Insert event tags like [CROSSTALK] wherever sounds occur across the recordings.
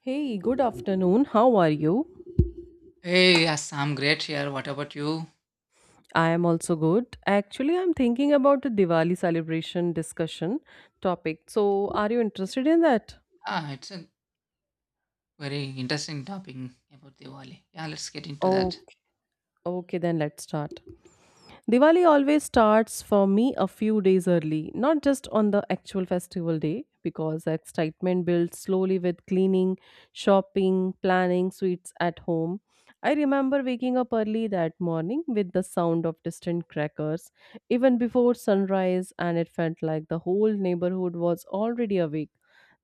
Hey, good afternoon. How are you? Hey, yes, I'm great here. What about you? I am also good. Actually, I'm thinking about a Diwali celebration discussion topic. So, are you interested in that? Ah, it's a very interesting topic about Diwali. Yeah, let's get into Oh, that. okay, then let's start. Diwali always starts for me a few days early, not just on the actual festival day, because the excitement builds slowly with cleaning, shopping, planning sweets at home. I remember waking up early that morning with the sound of distant crackers, even before sunrise, and it felt like the whole neighborhood was already awake.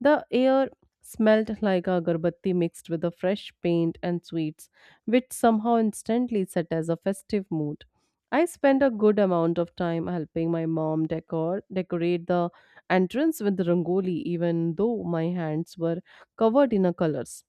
The air smelled like agarbatti mixed with the fresh paint and sweets, which somehow instantly set as a festive mood. I spent a good amount of time helping my mom decorate the entrance with rangoli even though my hands were covered in a colors.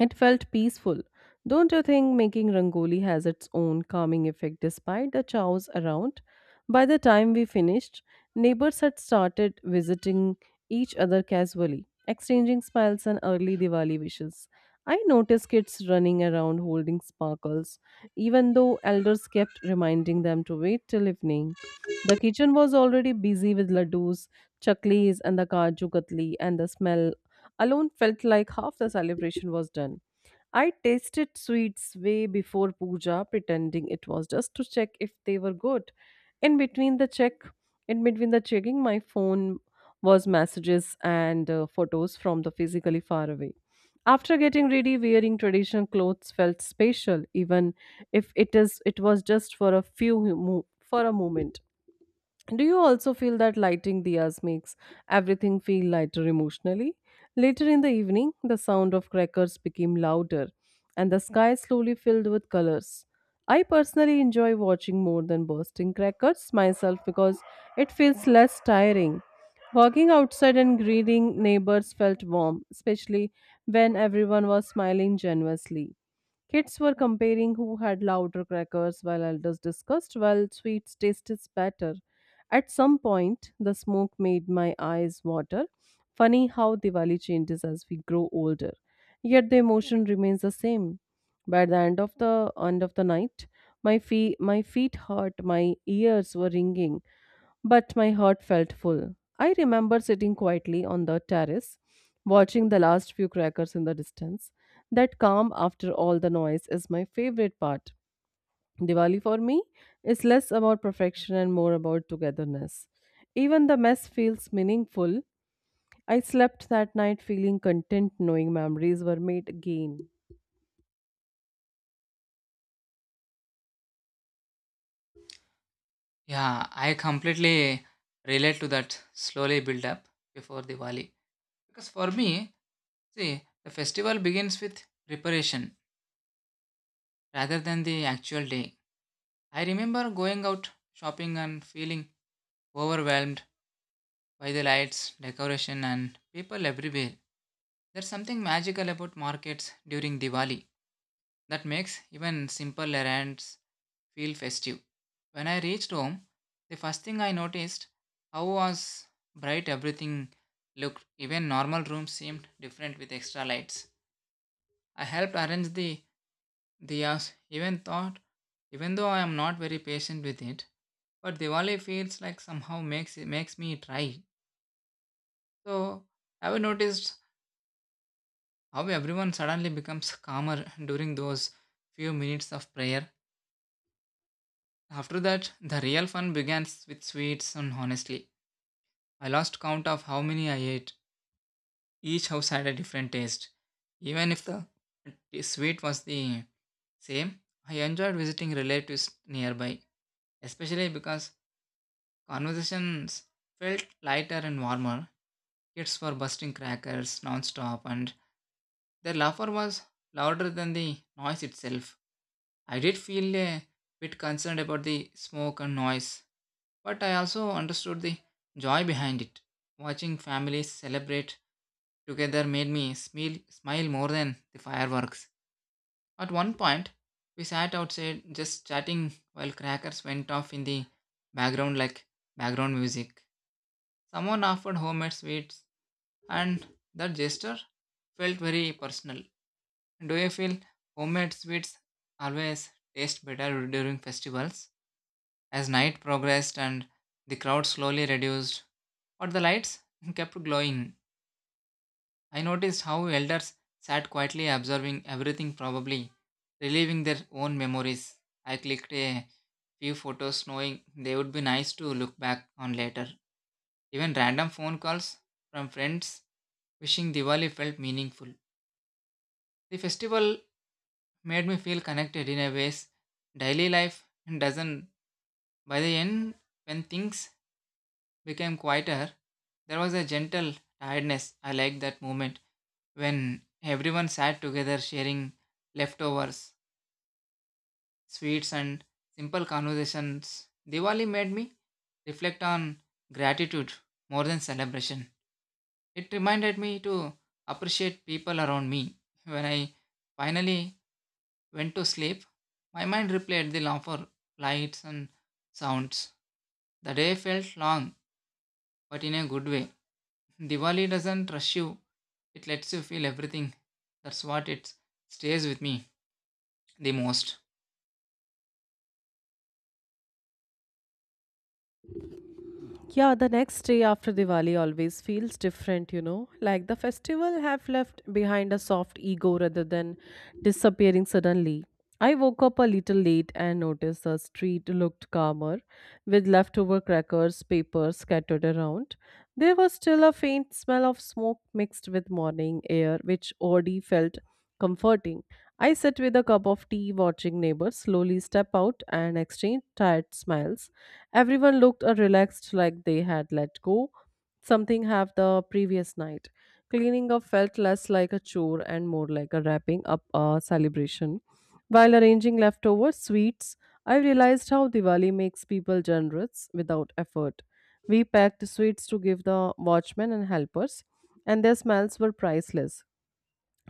It felt peaceful. Don't you think making rangoli has its own calming effect despite the chows around? By the time we finished, neighbors had started visiting each other casually, exchanging smiles and early Diwali wishes. I noticed kids running around holding sparkles, even though elders kept reminding them to wait till evening. The kitchen was already busy with laddus, chaklis, and the kaju katli, and the smell alone felt like half the celebration was done. I tasted sweets way before puja, pretending it was just to check if they were good. In between the check, in between the checking, my phone was messages and photos from the physically far away. After getting ready, wearing traditional clothes felt special, even if it was just for for a moment. Do you also feel that lighting diyas makes everything feel lighter emotionally? Later in the evening, the sound of crackers became louder and the sky slowly filled with colors. I personally enjoy watching more than bursting crackers myself because it feels less tiring. Walking outside and greeting neighbors felt warm, especially when everyone was smiling generously. Kids were comparing who had louder crackers, while elders discussed, well, sweets taste is better. At some point, the smoke made my eyes water. Funny how Diwali changes as we grow older, yet the emotion remains the same. By the end of the night, my feet hurt, my ears were ringing, but my heart felt full. I remember sitting quietly on the terrace, watching the last few crackers in the distance. That calm after all the noise is my favorite part. Diwali for me is less about perfection and more about togetherness. Even the mess feels meaningful. I slept that night feeling content knowing memories were made again. Yeah, I completely relate to that slowly build up before Diwali. Because for me, see, the festival begins with preparation rather than the actual day. I remember going out shopping and feeling overwhelmed by the lights, decoration, and people everywhere. There's something magical about markets during Diwali that makes even simple errands feel festive. When I reached home, the first thing I noticed how was bright everything looked. Even normal rooms seemed different with extra lights. I helped arrange the diyas, even though I am not very patient with it, but Diwali feels like somehow makes me try. So have you noticed how everyone suddenly becomes calmer during those few minutes of prayer? After that, the real fun began with sweets and honestly. I lost count of how many I ate. Each house had a different taste. Even if the sweet was the same, I enjoyed visiting relatives nearby, especially because conversations felt lighter and warmer. Kids were busting crackers non-stop and their laughter was louder than the noise itself. I did feel a bit concerned about the smoke and noise, but I also understood the joy behind it. Watching families celebrate together made me smile more than the fireworks. At one point, we sat outside just chatting while crackers went off in the background like background music. Someone offered homemade sweets, and that gesture felt very personal. Do you feel homemade sweets always taste better during festivals? As night progressed and the crowd slowly reduced, but the lights [LAUGHS] kept glowing, I noticed how elders sat quietly observing everything, probably reliving their own memories. I clicked a few photos, knowing they would be nice to look back on later. Even random phone calls from friends wishing Diwali felt meaningful. The festival made me feel connected in a ways daily life doesn't. By the end, when things became quieter, there was a gentle tiredness. I liked that moment when everyone sat together sharing leftovers, sweets, and simple conversations. Diwali made me reflect on gratitude more than celebration. It reminded me to appreciate people around me. When I finally went to sleep, my mind replayed the laughter, lights, and sounds. The day felt long, but in a good way. Diwali doesn't rush you, it lets you feel everything. That's what it stays with me the most. Yeah, the next day after Diwali always feels different, you know. Like the festival have left behind a soft ego rather than disappearing suddenly. I woke up a little late and noticed the street looked calmer, with leftover crackers, papers scattered around. There was still a faint smell of smoke mixed with morning air, which already felt comforting. I sit with a cup of tea, watching neighbors slowly step out and exchange tired smiles. Everyone looked relaxed, like they had let go something have the previous night. Cleaning up felt less like a chore and more like a wrapping up a celebration. While arranging leftover sweets, I realized how Diwali makes people generous without effort. We packed sweets to give the watchmen and helpers, and their smells were priceless.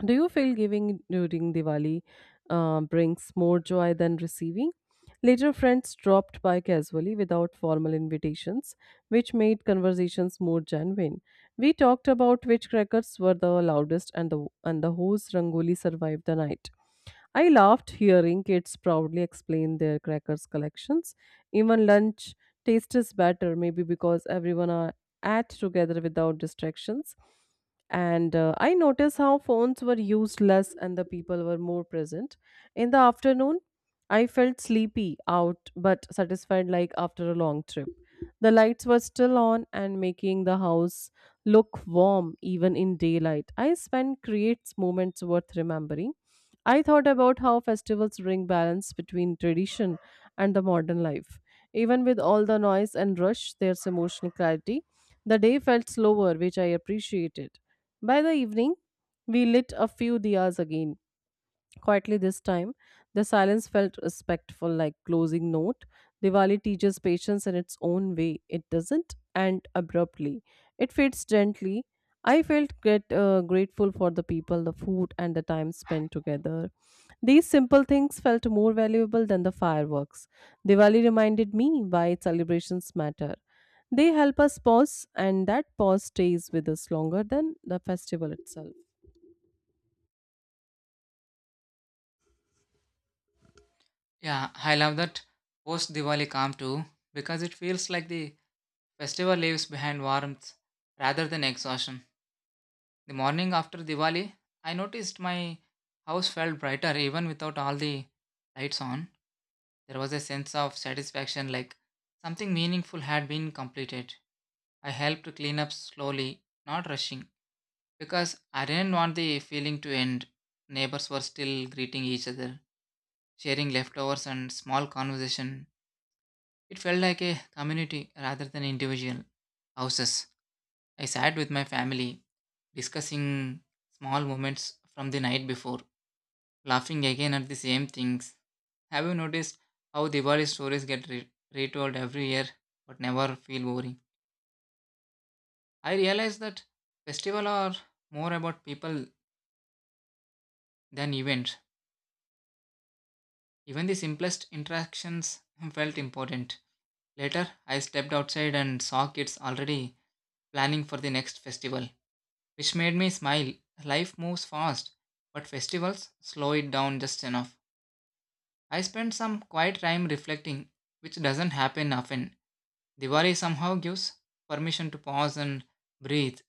Do you feel giving during Diwali brings more joy than receiving? Later, friends dropped by casually without formal invitations, which made conversations more genuine. We talked about which crackers were the loudest and the whose rangoli survived the night. I laughed hearing kids proudly explain their crackers collections. Even lunch tastes better, maybe because everyone are at together without distractions. And I noticed how phones were used less and the people were more present. In the afternoon, I felt sleepy out but satisfied like after a long trip. The lights were still on and making the house look warm even in daylight. I spent creates moments worth remembering. I thought about how festivals bring balance between tradition and the modern life. Even with all the noise and rush, there's emotional clarity. The day felt slower, which I appreciated. By the evening, we lit a few diyas again. Quietly this time, the silence felt respectful, like closing note. Diwali teaches patience in its own way. It doesn't end abruptly. It fades gently. I felt grateful for the people, the food, and the time spent together. These simple things felt more valuable than the fireworks. Diwali reminded me why celebrations matter. They help us pause, and that pause stays with us longer than the festival itself. Yeah, I love that post Diwali calm too, because it feels like the festival leaves behind warmth rather than exhaustion. The morning after Diwali, I noticed my house felt brighter even without all the lights on. There was a sense of satisfaction like something meaningful had been completed. I helped clean up slowly, not rushing, because I didn't want the feeling to end. Neighbors were still greeting each other, sharing leftovers and small conversation. It felt like a community rather than individual houses. I sat with my family, discussing small moments from the night before laughing again at the same things. Have you noticed how Diwali stories get retold every year but never feel boring? I realize that festivals are more about people than events. Even the simplest interactions [LAUGHS] felt important. Later, I stepped outside and saw kids already planning for the next festival, which made me smile. Life moves fast, but festivals slow it down just enough. I spent some quiet time reflecting, which doesn't happen often. Diwali somehow gives permission to pause and breathe.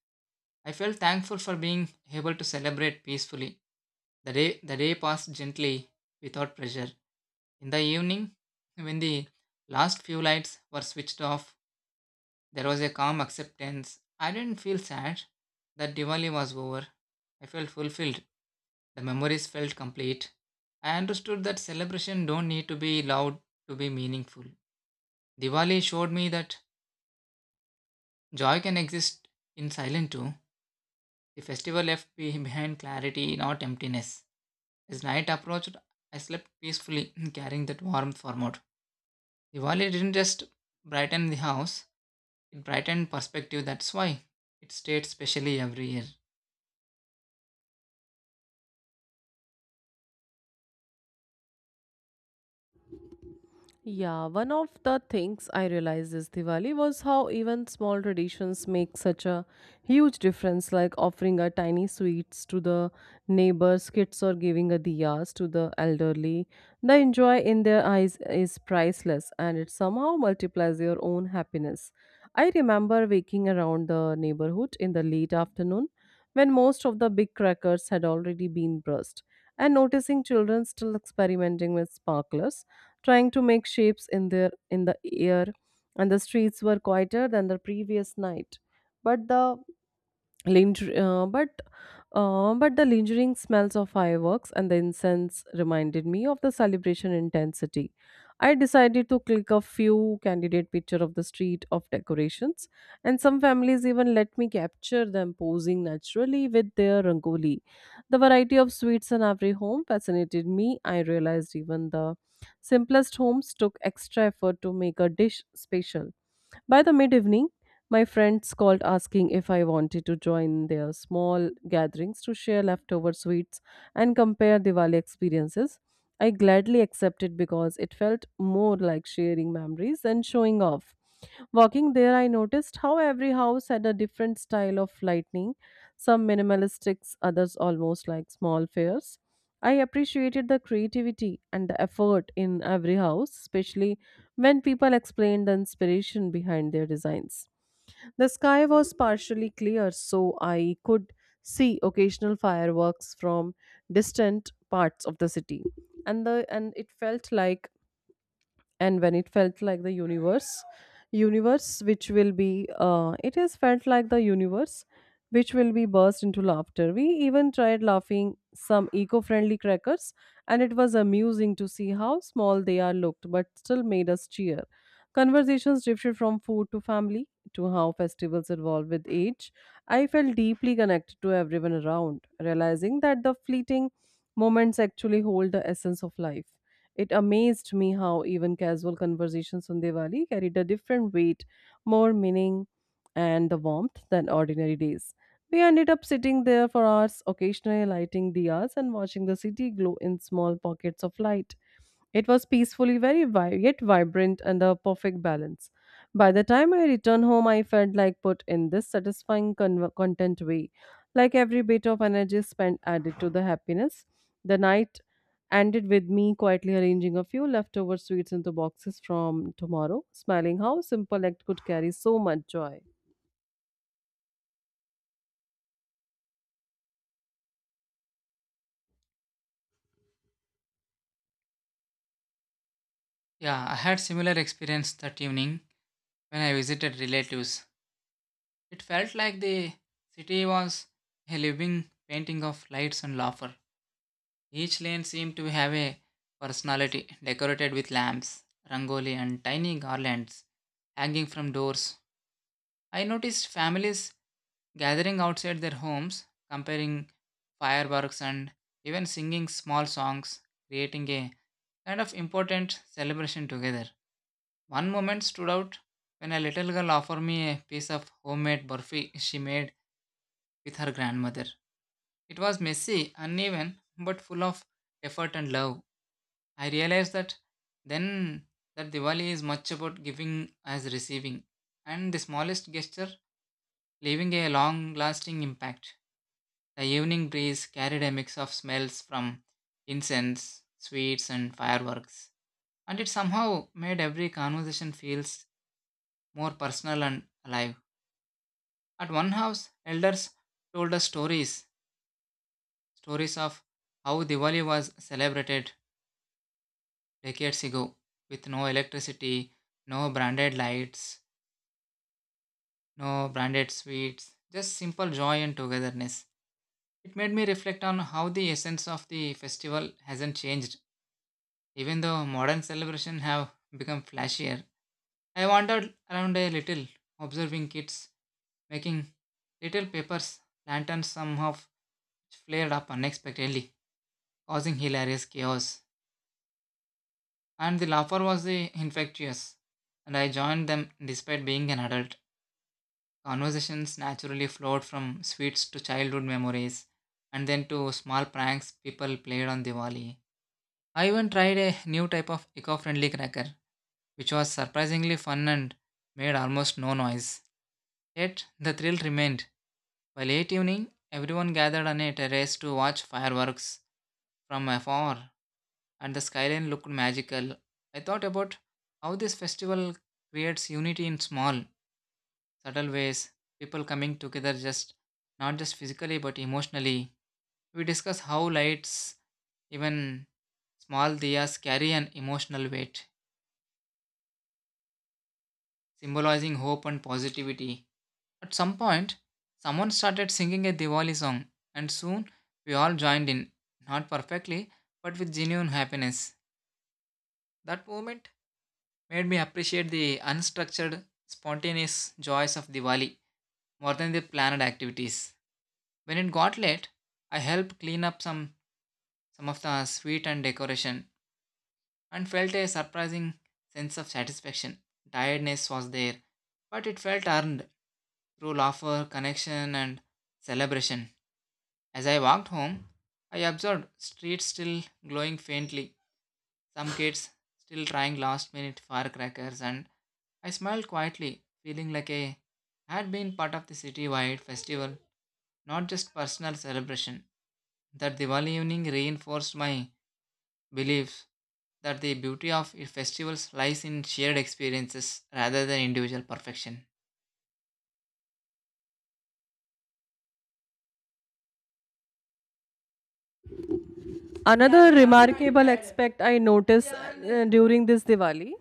I felt thankful for being able to celebrate peacefully. The day passed gently, without pressure. In the evening, when the last few lights were switched off, there was a calm acceptance. I didn't feel sad that Diwali was over. I felt fulfilled. The memories felt complete. I understood that celebration don't need to be loud to be meaningful. Diwali showed me that joy can exist in silence too. The festival [LAUGHS] behind clarity, not emptiness. As night approached, I slept peacefully, [CLEARS THROAT] carrying that warmth forward. Diwali didn't just brighten the house, it brightened perspective. That's why it stayed specially every year. Yeah, one of the things I realized this Diwali was how even small traditions make such a huge difference, like offering a tiny sweets to the neighbors' kids or giving a diyas to the elderly. The joy in their eyes is priceless and it somehow multiplies your own happiness. I remember waking around the neighborhood in the late afternoon when most of the big crackers had already been burst and noticing children still experimenting with sparklers trying to make shapes in their in the air and the streets were quieter than the previous night, but Linger, uh, but the lingering smells of fireworks and the incense reminded me of the celebration intensity. I decided to click a few candidate picture of the street of decorations, and some families even let me capture them posing naturally with their rangoli. The variety of sweets in every home fascinated me. I realized even the simplest homes took extra effort to make a dish special. By the mid evening, my friends called asking if I wanted to join their small gatherings to share leftover sweets and compare Diwali experiences. I gladly accepted because it felt more like sharing memories than showing off. Walking there, I noticed how every house had a different style of lighting, some minimalistic, others almost like small fairs. I appreciated the creativity and the effort in every house, especially when people explained the inspiration behind their designs. The sky was partially clear, so I could see occasional fireworks from distant parts of the city. And the and it felt like and when it felt like the universe universe which will be it has felt like the universe which will be burst into laughter. We even tried laughing some eco-friendly crackers, and it was amusing to see how small they are looked, but still made us cheer. Conversations drifted from food to family to how festivals evolve with age. I felt deeply connected to everyone around, realizing that the fleeting moments actually hold the essence of life. It amazed me how even casual conversations on Diwali carried a different weight, more meaning, and the warmth than ordinary days. We ended up sitting there for hours, occasionally lighting diyas and watching the city glow in small pockets of light. It was yet vibrant and a perfect balance. By the time I returned home, I felt like put in this satisfying content way, like every bit of energy spent added to the happiness. The night ended with me quietly arranging a few leftover sweets into boxes from tomorrow, smiling how simple act could carry so much joy. Yeah, I had similar experience that evening when I visited relatives. It felt like the city was a living painting of lights and laughter. Each lane seemed to have a personality decorated with lamps, rangoli, and tiny garlands hanging from doors. I noticed families gathering outside their homes, comparing fireworks and even singing small songs, creating a kind of important celebration together. One moment stood out when a little girl offered me a piece of homemade burfi she made with her grandmother. It was messy, uneven, but full of effort and love. I realized that then that Diwali is much about giving as receiving, and the smallest gesture leaving a long lasting impact. The evening breeze carried a mix of smells from incense, sweets, and fireworks, and it somehow made every conversation feels more personal and alive. At one house, elders told us stories of how Diwali was celebrated decades ago with no electricity, no branded lights, no branded sweets, just simple joy and togetherness. It made me reflect on how the essence of the festival hasn't changed, even though modern celebrations have become flashier. I wandered around a little, observing kids making little papers, lanterns, some of which flared up unexpectedly, causing hilarious chaos. And the laughter was the infectious, and I joined them despite being an adult. Conversations naturally flowed from sweets to childhood memories, and then to small pranks people played on Diwali. I even tried a new type of eco friendly cracker, which was surprisingly fun and made almost no noise. Yet, the thrill remained. By late evening, everyone gathered on a terrace to watch fireworks from afar and the skyline looked magical. I thought about how this festival creates unity in small, subtle ways, people coming together just not just physically but emotionally. We discuss how lights, even small diyas, carry an emotional weight, symbolizing hope and positivity. At some point, someone started singing a Diwali song, and soon we all joined in, not perfectly, but with genuine happiness. That moment made me appreciate the unstructured, spontaneous joys of Diwali more than the planned activities. When it got late, I helped clean up some of the sweet and decoration and felt a surprising sense of satisfaction. Tiredness was there, but it felt earned through laughter, connection, and celebration. As I walked home, I observed streets still glowing faintly, some kids still trying last minute firecrackers, and I smiled quietly, feeling like I had been part of the citywide festival, not just personal celebration. That Diwali evening reinforced my belief that the beauty of festivals lies in shared experiences rather than individual perfection. Another remarkable aspect I noticed during this Diwali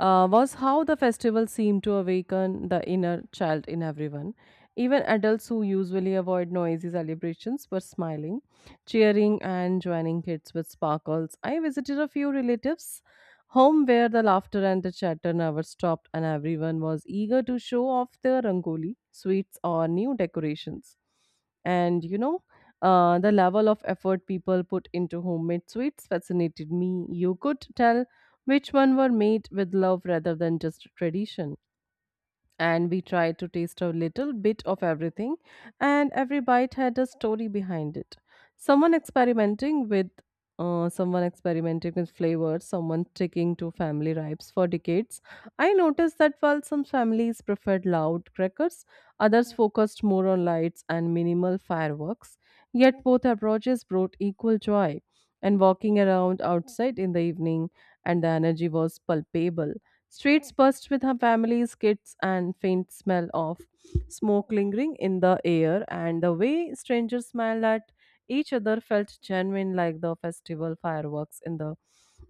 was how the festival seemed to awaken the inner child in everyone. Even adults who usually avoid noisy celebrations were smiling, cheering, and joining kids with sparkles. I visited a few relatives' home where the laughter and the chatter never stopped, and everyone was eager to show off their rangoli, sweets, or new decorations. And you know, the level of effort people put into homemade sweets fascinated me. You could tell which one were made with love rather than just tradition, and we tried to taste a little bit of everything, and every bite had a story behind it. Someone experimenting with Someone experimenting with flavors, someone sticking to family ribs for decades. I noticed that while some families preferred loud crackers, others focused more on lights and minimal fireworks, yet both approaches brought equal joy. And walking around outside in the evening, and the energy was palpable. Streets burst with her family's kids and faint smell of smoke lingering in the air, and the way strangers smiled at each other felt genuine like the festival fireworks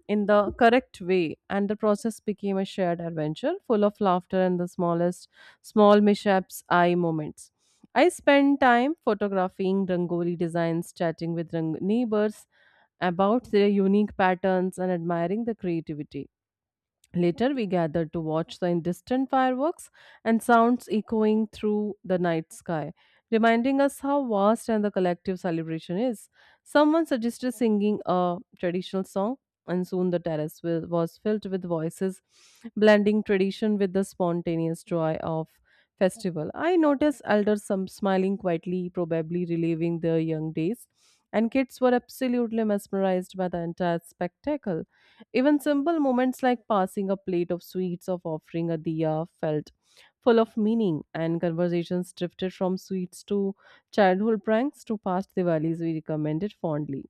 in the correct way, and the process became a shared adventure full of laughter and the small mishaps eye moments. I spent time photographing rangoli designs, chatting with neighbors about their unique patterns and admiring the creativity. Later, we gathered to watch the distant fireworks and sounds echoing through the night sky, reminding us how vast and the collective celebration is. Someone suggested singing a traditional song, and soon the terrace was filled with voices, blending tradition with the spontaneous joy of festival. I noticed elders some smiling quietly, probably reliving their young days, and kids were absolutely mesmerized by the entire spectacle. Even simple moments like passing a plate of sweets or offering a diya felt full of meaning, and conversations drifted from sweets to childhood pranks to past Diwalis we recommended fondly.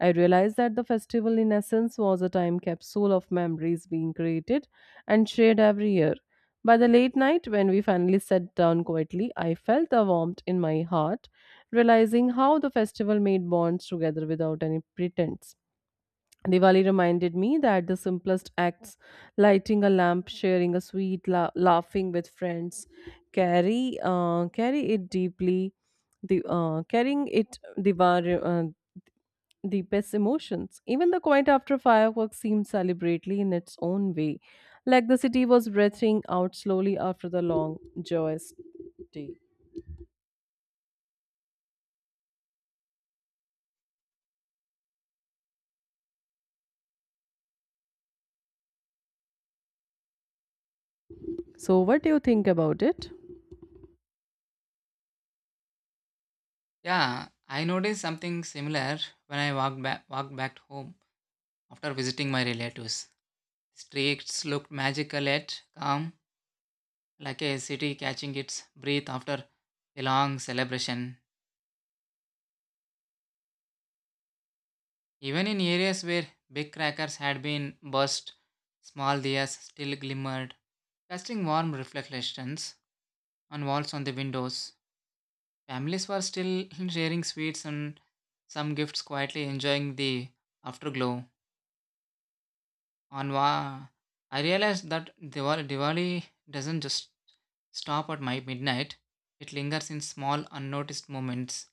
I realized that the festival, in essence, was a time capsule of memories being created and shared every year. By the late night, when we finally sat down quietly, I felt a warmth in my heart, realizing how the festival made bonds together without any pretense. Diwali reminded me that the simplest acts, lighting a lamp, sharing a sweet, laughing with friends, carry carry it deeply, the carrying it Diwali, deepest emotions. Even the quiet after fireworks seemed celebratory in its own way, like the city was breathing out slowly after the long joyous day. So, what do you think about it? Yeah, I noticed something similar when I walked back home after visiting my relatives. The streets looked magical yet calm, like a city catching its breath after a long celebration. Even in areas where big crackers had been burst, small diyas still glimmered, casting warm reflections on walls on the windows. Families were still [LAUGHS] sharing sweets and some gifts quietly enjoying the afterglow. On wa, I realized that Diwali doesn't just stop at my midnight. It lingers in small, unnoticed moments.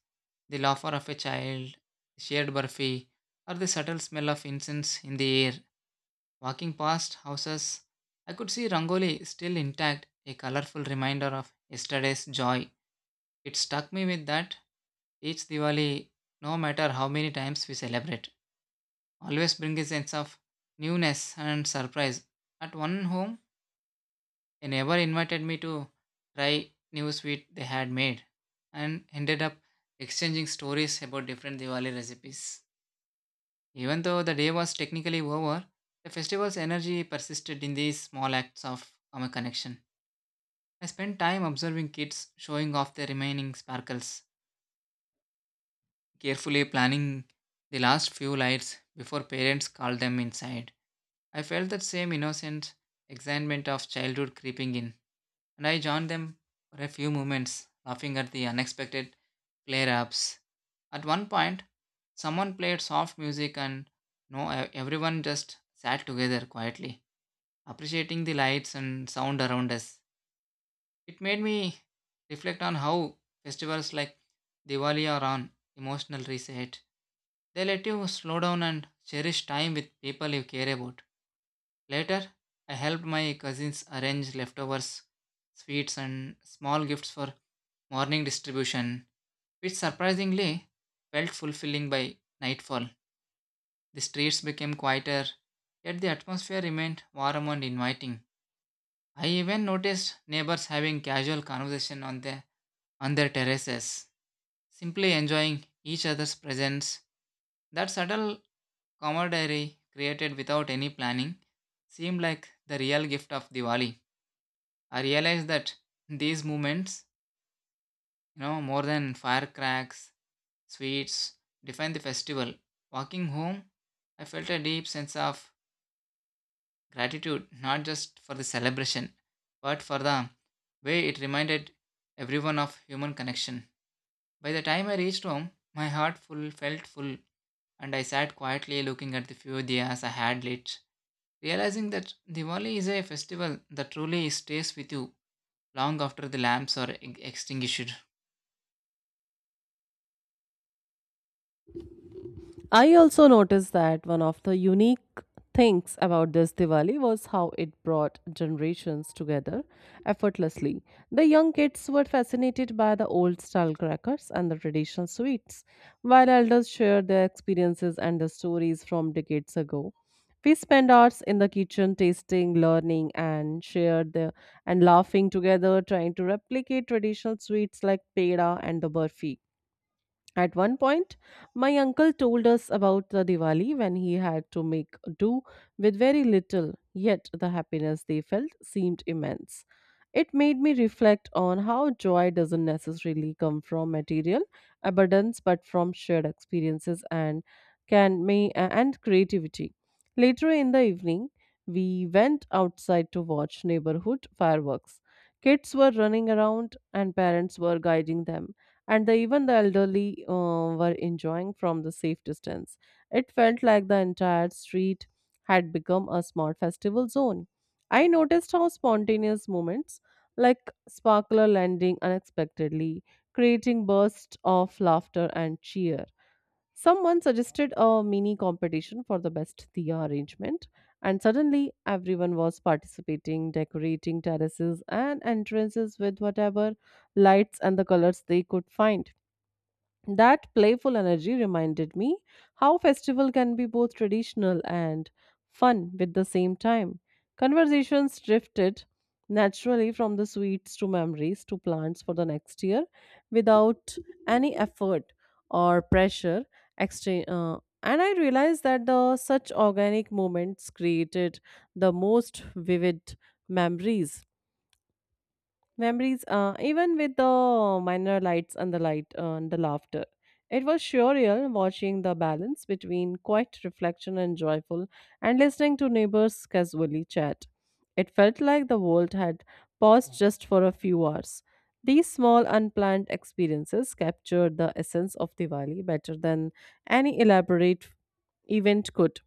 The laughter of a child, the shared burfi, or the subtle smell of incense in the air. Walking past houses, I could see Rangoli still intact, a colorful reminder of yesterday's joy. It struck me with that each Diwali, no matter how many times we celebrate always bring a sense of newness and surprise. At one home, a neighbor invited me to try new sweet they had made and ended up exchanging stories about different Diwali recipes. Even though the day was technically over, the festival's energy persisted in these small acts of common connection. I spent time observing kids showing off their remaining sparkles, carefully planning the last few lights before parents called them inside. I felt that same innocent excitement of childhood creeping in, and I joined them for a few moments, laughing at the unexpected flare ups. At one point, someone played soft music, and no, everyone just sat together quietly, appreciating the lights and sound around us. It made me reflect on how festivals like Diwali are on emotional reset. They let you slow down and cherish time with people you care about. Later, I helped my cousins arrange leftovers, sweets, and small gifts for morning distribution, which surprisingly felt fulfilling by nightfall. The streets became quieter, yet the atmosphere remained warm and inviting. I even noticed neighbors having casual conversation on their terraces, simply enjoying each other's presence. That subtle camaraderie created without any planning seemed like the real gift of Diwali. I realized that these moments, you know, more than firecracks, sweets, define the festival. Walking home, I felt a deep sense of gratitude, not just for the celebration, but for the way it reminded everyone of human connection. By the time I reached home, my heart full felt full, and I sat quietly looking at the few diyas I had lit, realizing that Diwali is a festival that truly stays with you long after the lamps are extinguished. I also noticed that one of the unique things about this Diwali was how it brought generations together effortlessly. The young kids were fascinated by the old style crackers and the traditional sweets, while elders shared their experiences and the stories from decades ago. We spent hours in the kitchen tasting, learning, and shared the, and laughing together, trying to replicate traditional sweets like peda and the burfi. At one point, my uncle told us about the Diwali when he had to make do with very little, yet the happiness they felt seemed immense. It made me reflect on how joy doesn't necessarily come from material abundance but from shared experiences and can may and creativity. Later in the evening, we went outside to watch neighborhood fireworks. Kids were running around and parents were guiding them and the, even the elderly were enjoying from the safe distance. It felt like the entire street had become a small festival zone. I noticed how spontaneous moments like sparkler landing unexpectedly, creating bursts of laughter and cheer. Someone suggested a mini competition for the best Diya arrangement, and suddenly everyone was participating, decorating terraces and entrances with whatever lights and the colors they could find. That playful energy reminded me how festival can be both traditional and fun at the same time. Conversations drifted naturally from the sweets to memories to plans for the next year without any effort or pressure. And I realized that the such organic moments created the most vivid memories Memories, even with the minor lights and the light and the laughter. It was surreal watching the balance between quiet reflection and joyful and listening to neighbors casually chat. It felt like the world had paused just for a few hours. These small unplanned experiences captured the essence of Diwali better than any elaborate event could.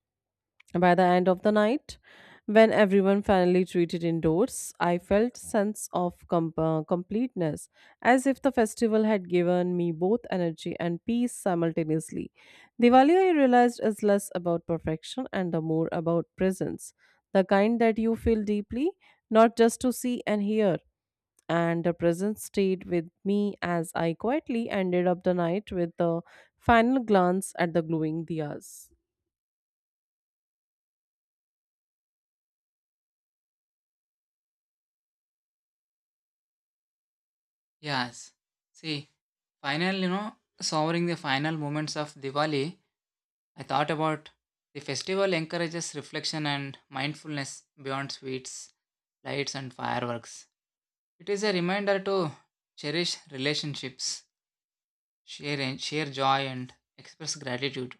By the end of the night, when everyone finally treated indoors, I felt sense of completeness, as if the festival had given me both energy and peace simultaneously. Diwali, I realized, is less about perfection and the more about presence, the kind that you feel deeply, not just to see and hear. And the presence stayed with me as I quietly ended up the night with the final glance at the glowing diyas. Yes. See, savoring the final moments of Diwali, I thought about the festival encourages reflection and mindfulness beyond sweets, lights, and fireworks. It is a reminder to cherish relationships, share joy, and express gratitude.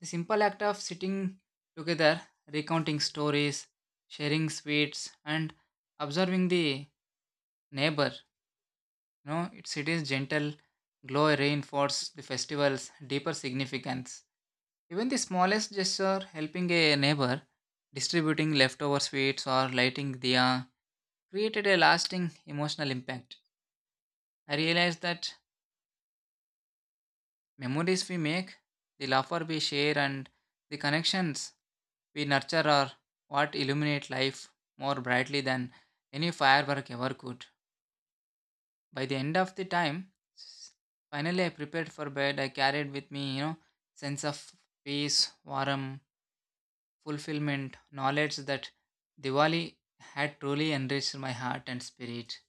The simple act of sitting together, recounting stories, sharing sweets, and observing the neighbor No, its city's gentle glow reinforced the festival's deeper significance. Even the smallest gesture, helping a neighbor, distributing leftover sweets, or lighting diya, created a lasting emotional impact. I realized that memories we make, the laughter we share, and the connections we nurture are what illuminate life more brightly than any firework ever could. By the end of the time, finally I prepared for bed. I carried with me, you know, sense of peace, warmth, fulfillment, knowledge that Diwali had truly enriched my heart and spirit.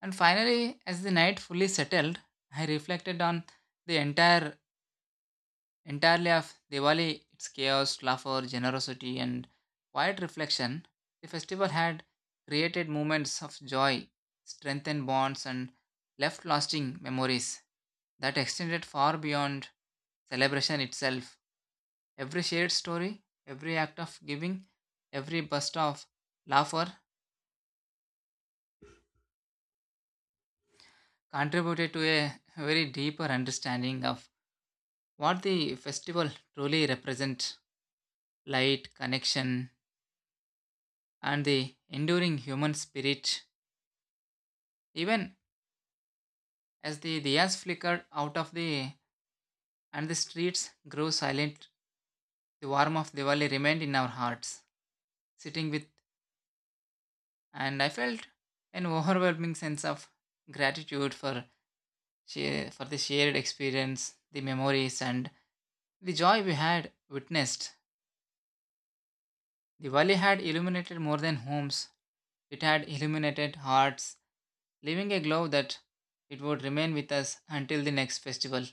And finally, as the night fully settled, I reflected on the entirely of Diwali, its chaos, laughter, generosity, and quiet reflection, the festival had created moments of joy, strengthened bonds, and left lasting memories that extended far beyond celebration itself. Every shared story, every act of giving, every burst of laughter contributed to a very deeper understanding of what the festival truly represents light, connection, and the enduring human spirit. Even as the diyas flickered out of the and the streets grew silent, the warmth of Diwali remained in our hearts, sitting with, and I felt an overwhelming sense of gratitude for the shared experience, the memories, and the joy we had witnessed. Diwali had illuminated more than homes; it had illuminated hearts, leaving a glow that it would remain with us until the next festival.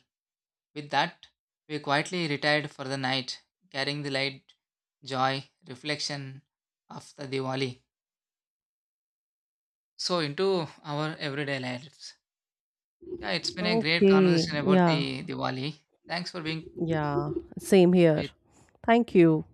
With that, we quietly retired for the night, carrying the light, joy, reflection of the Diwali. So into our everyday lives. Yeah, it's been a great conversation Okay, about yeah. the Diwali. Thanks for being Yeah, same here. with Thank you.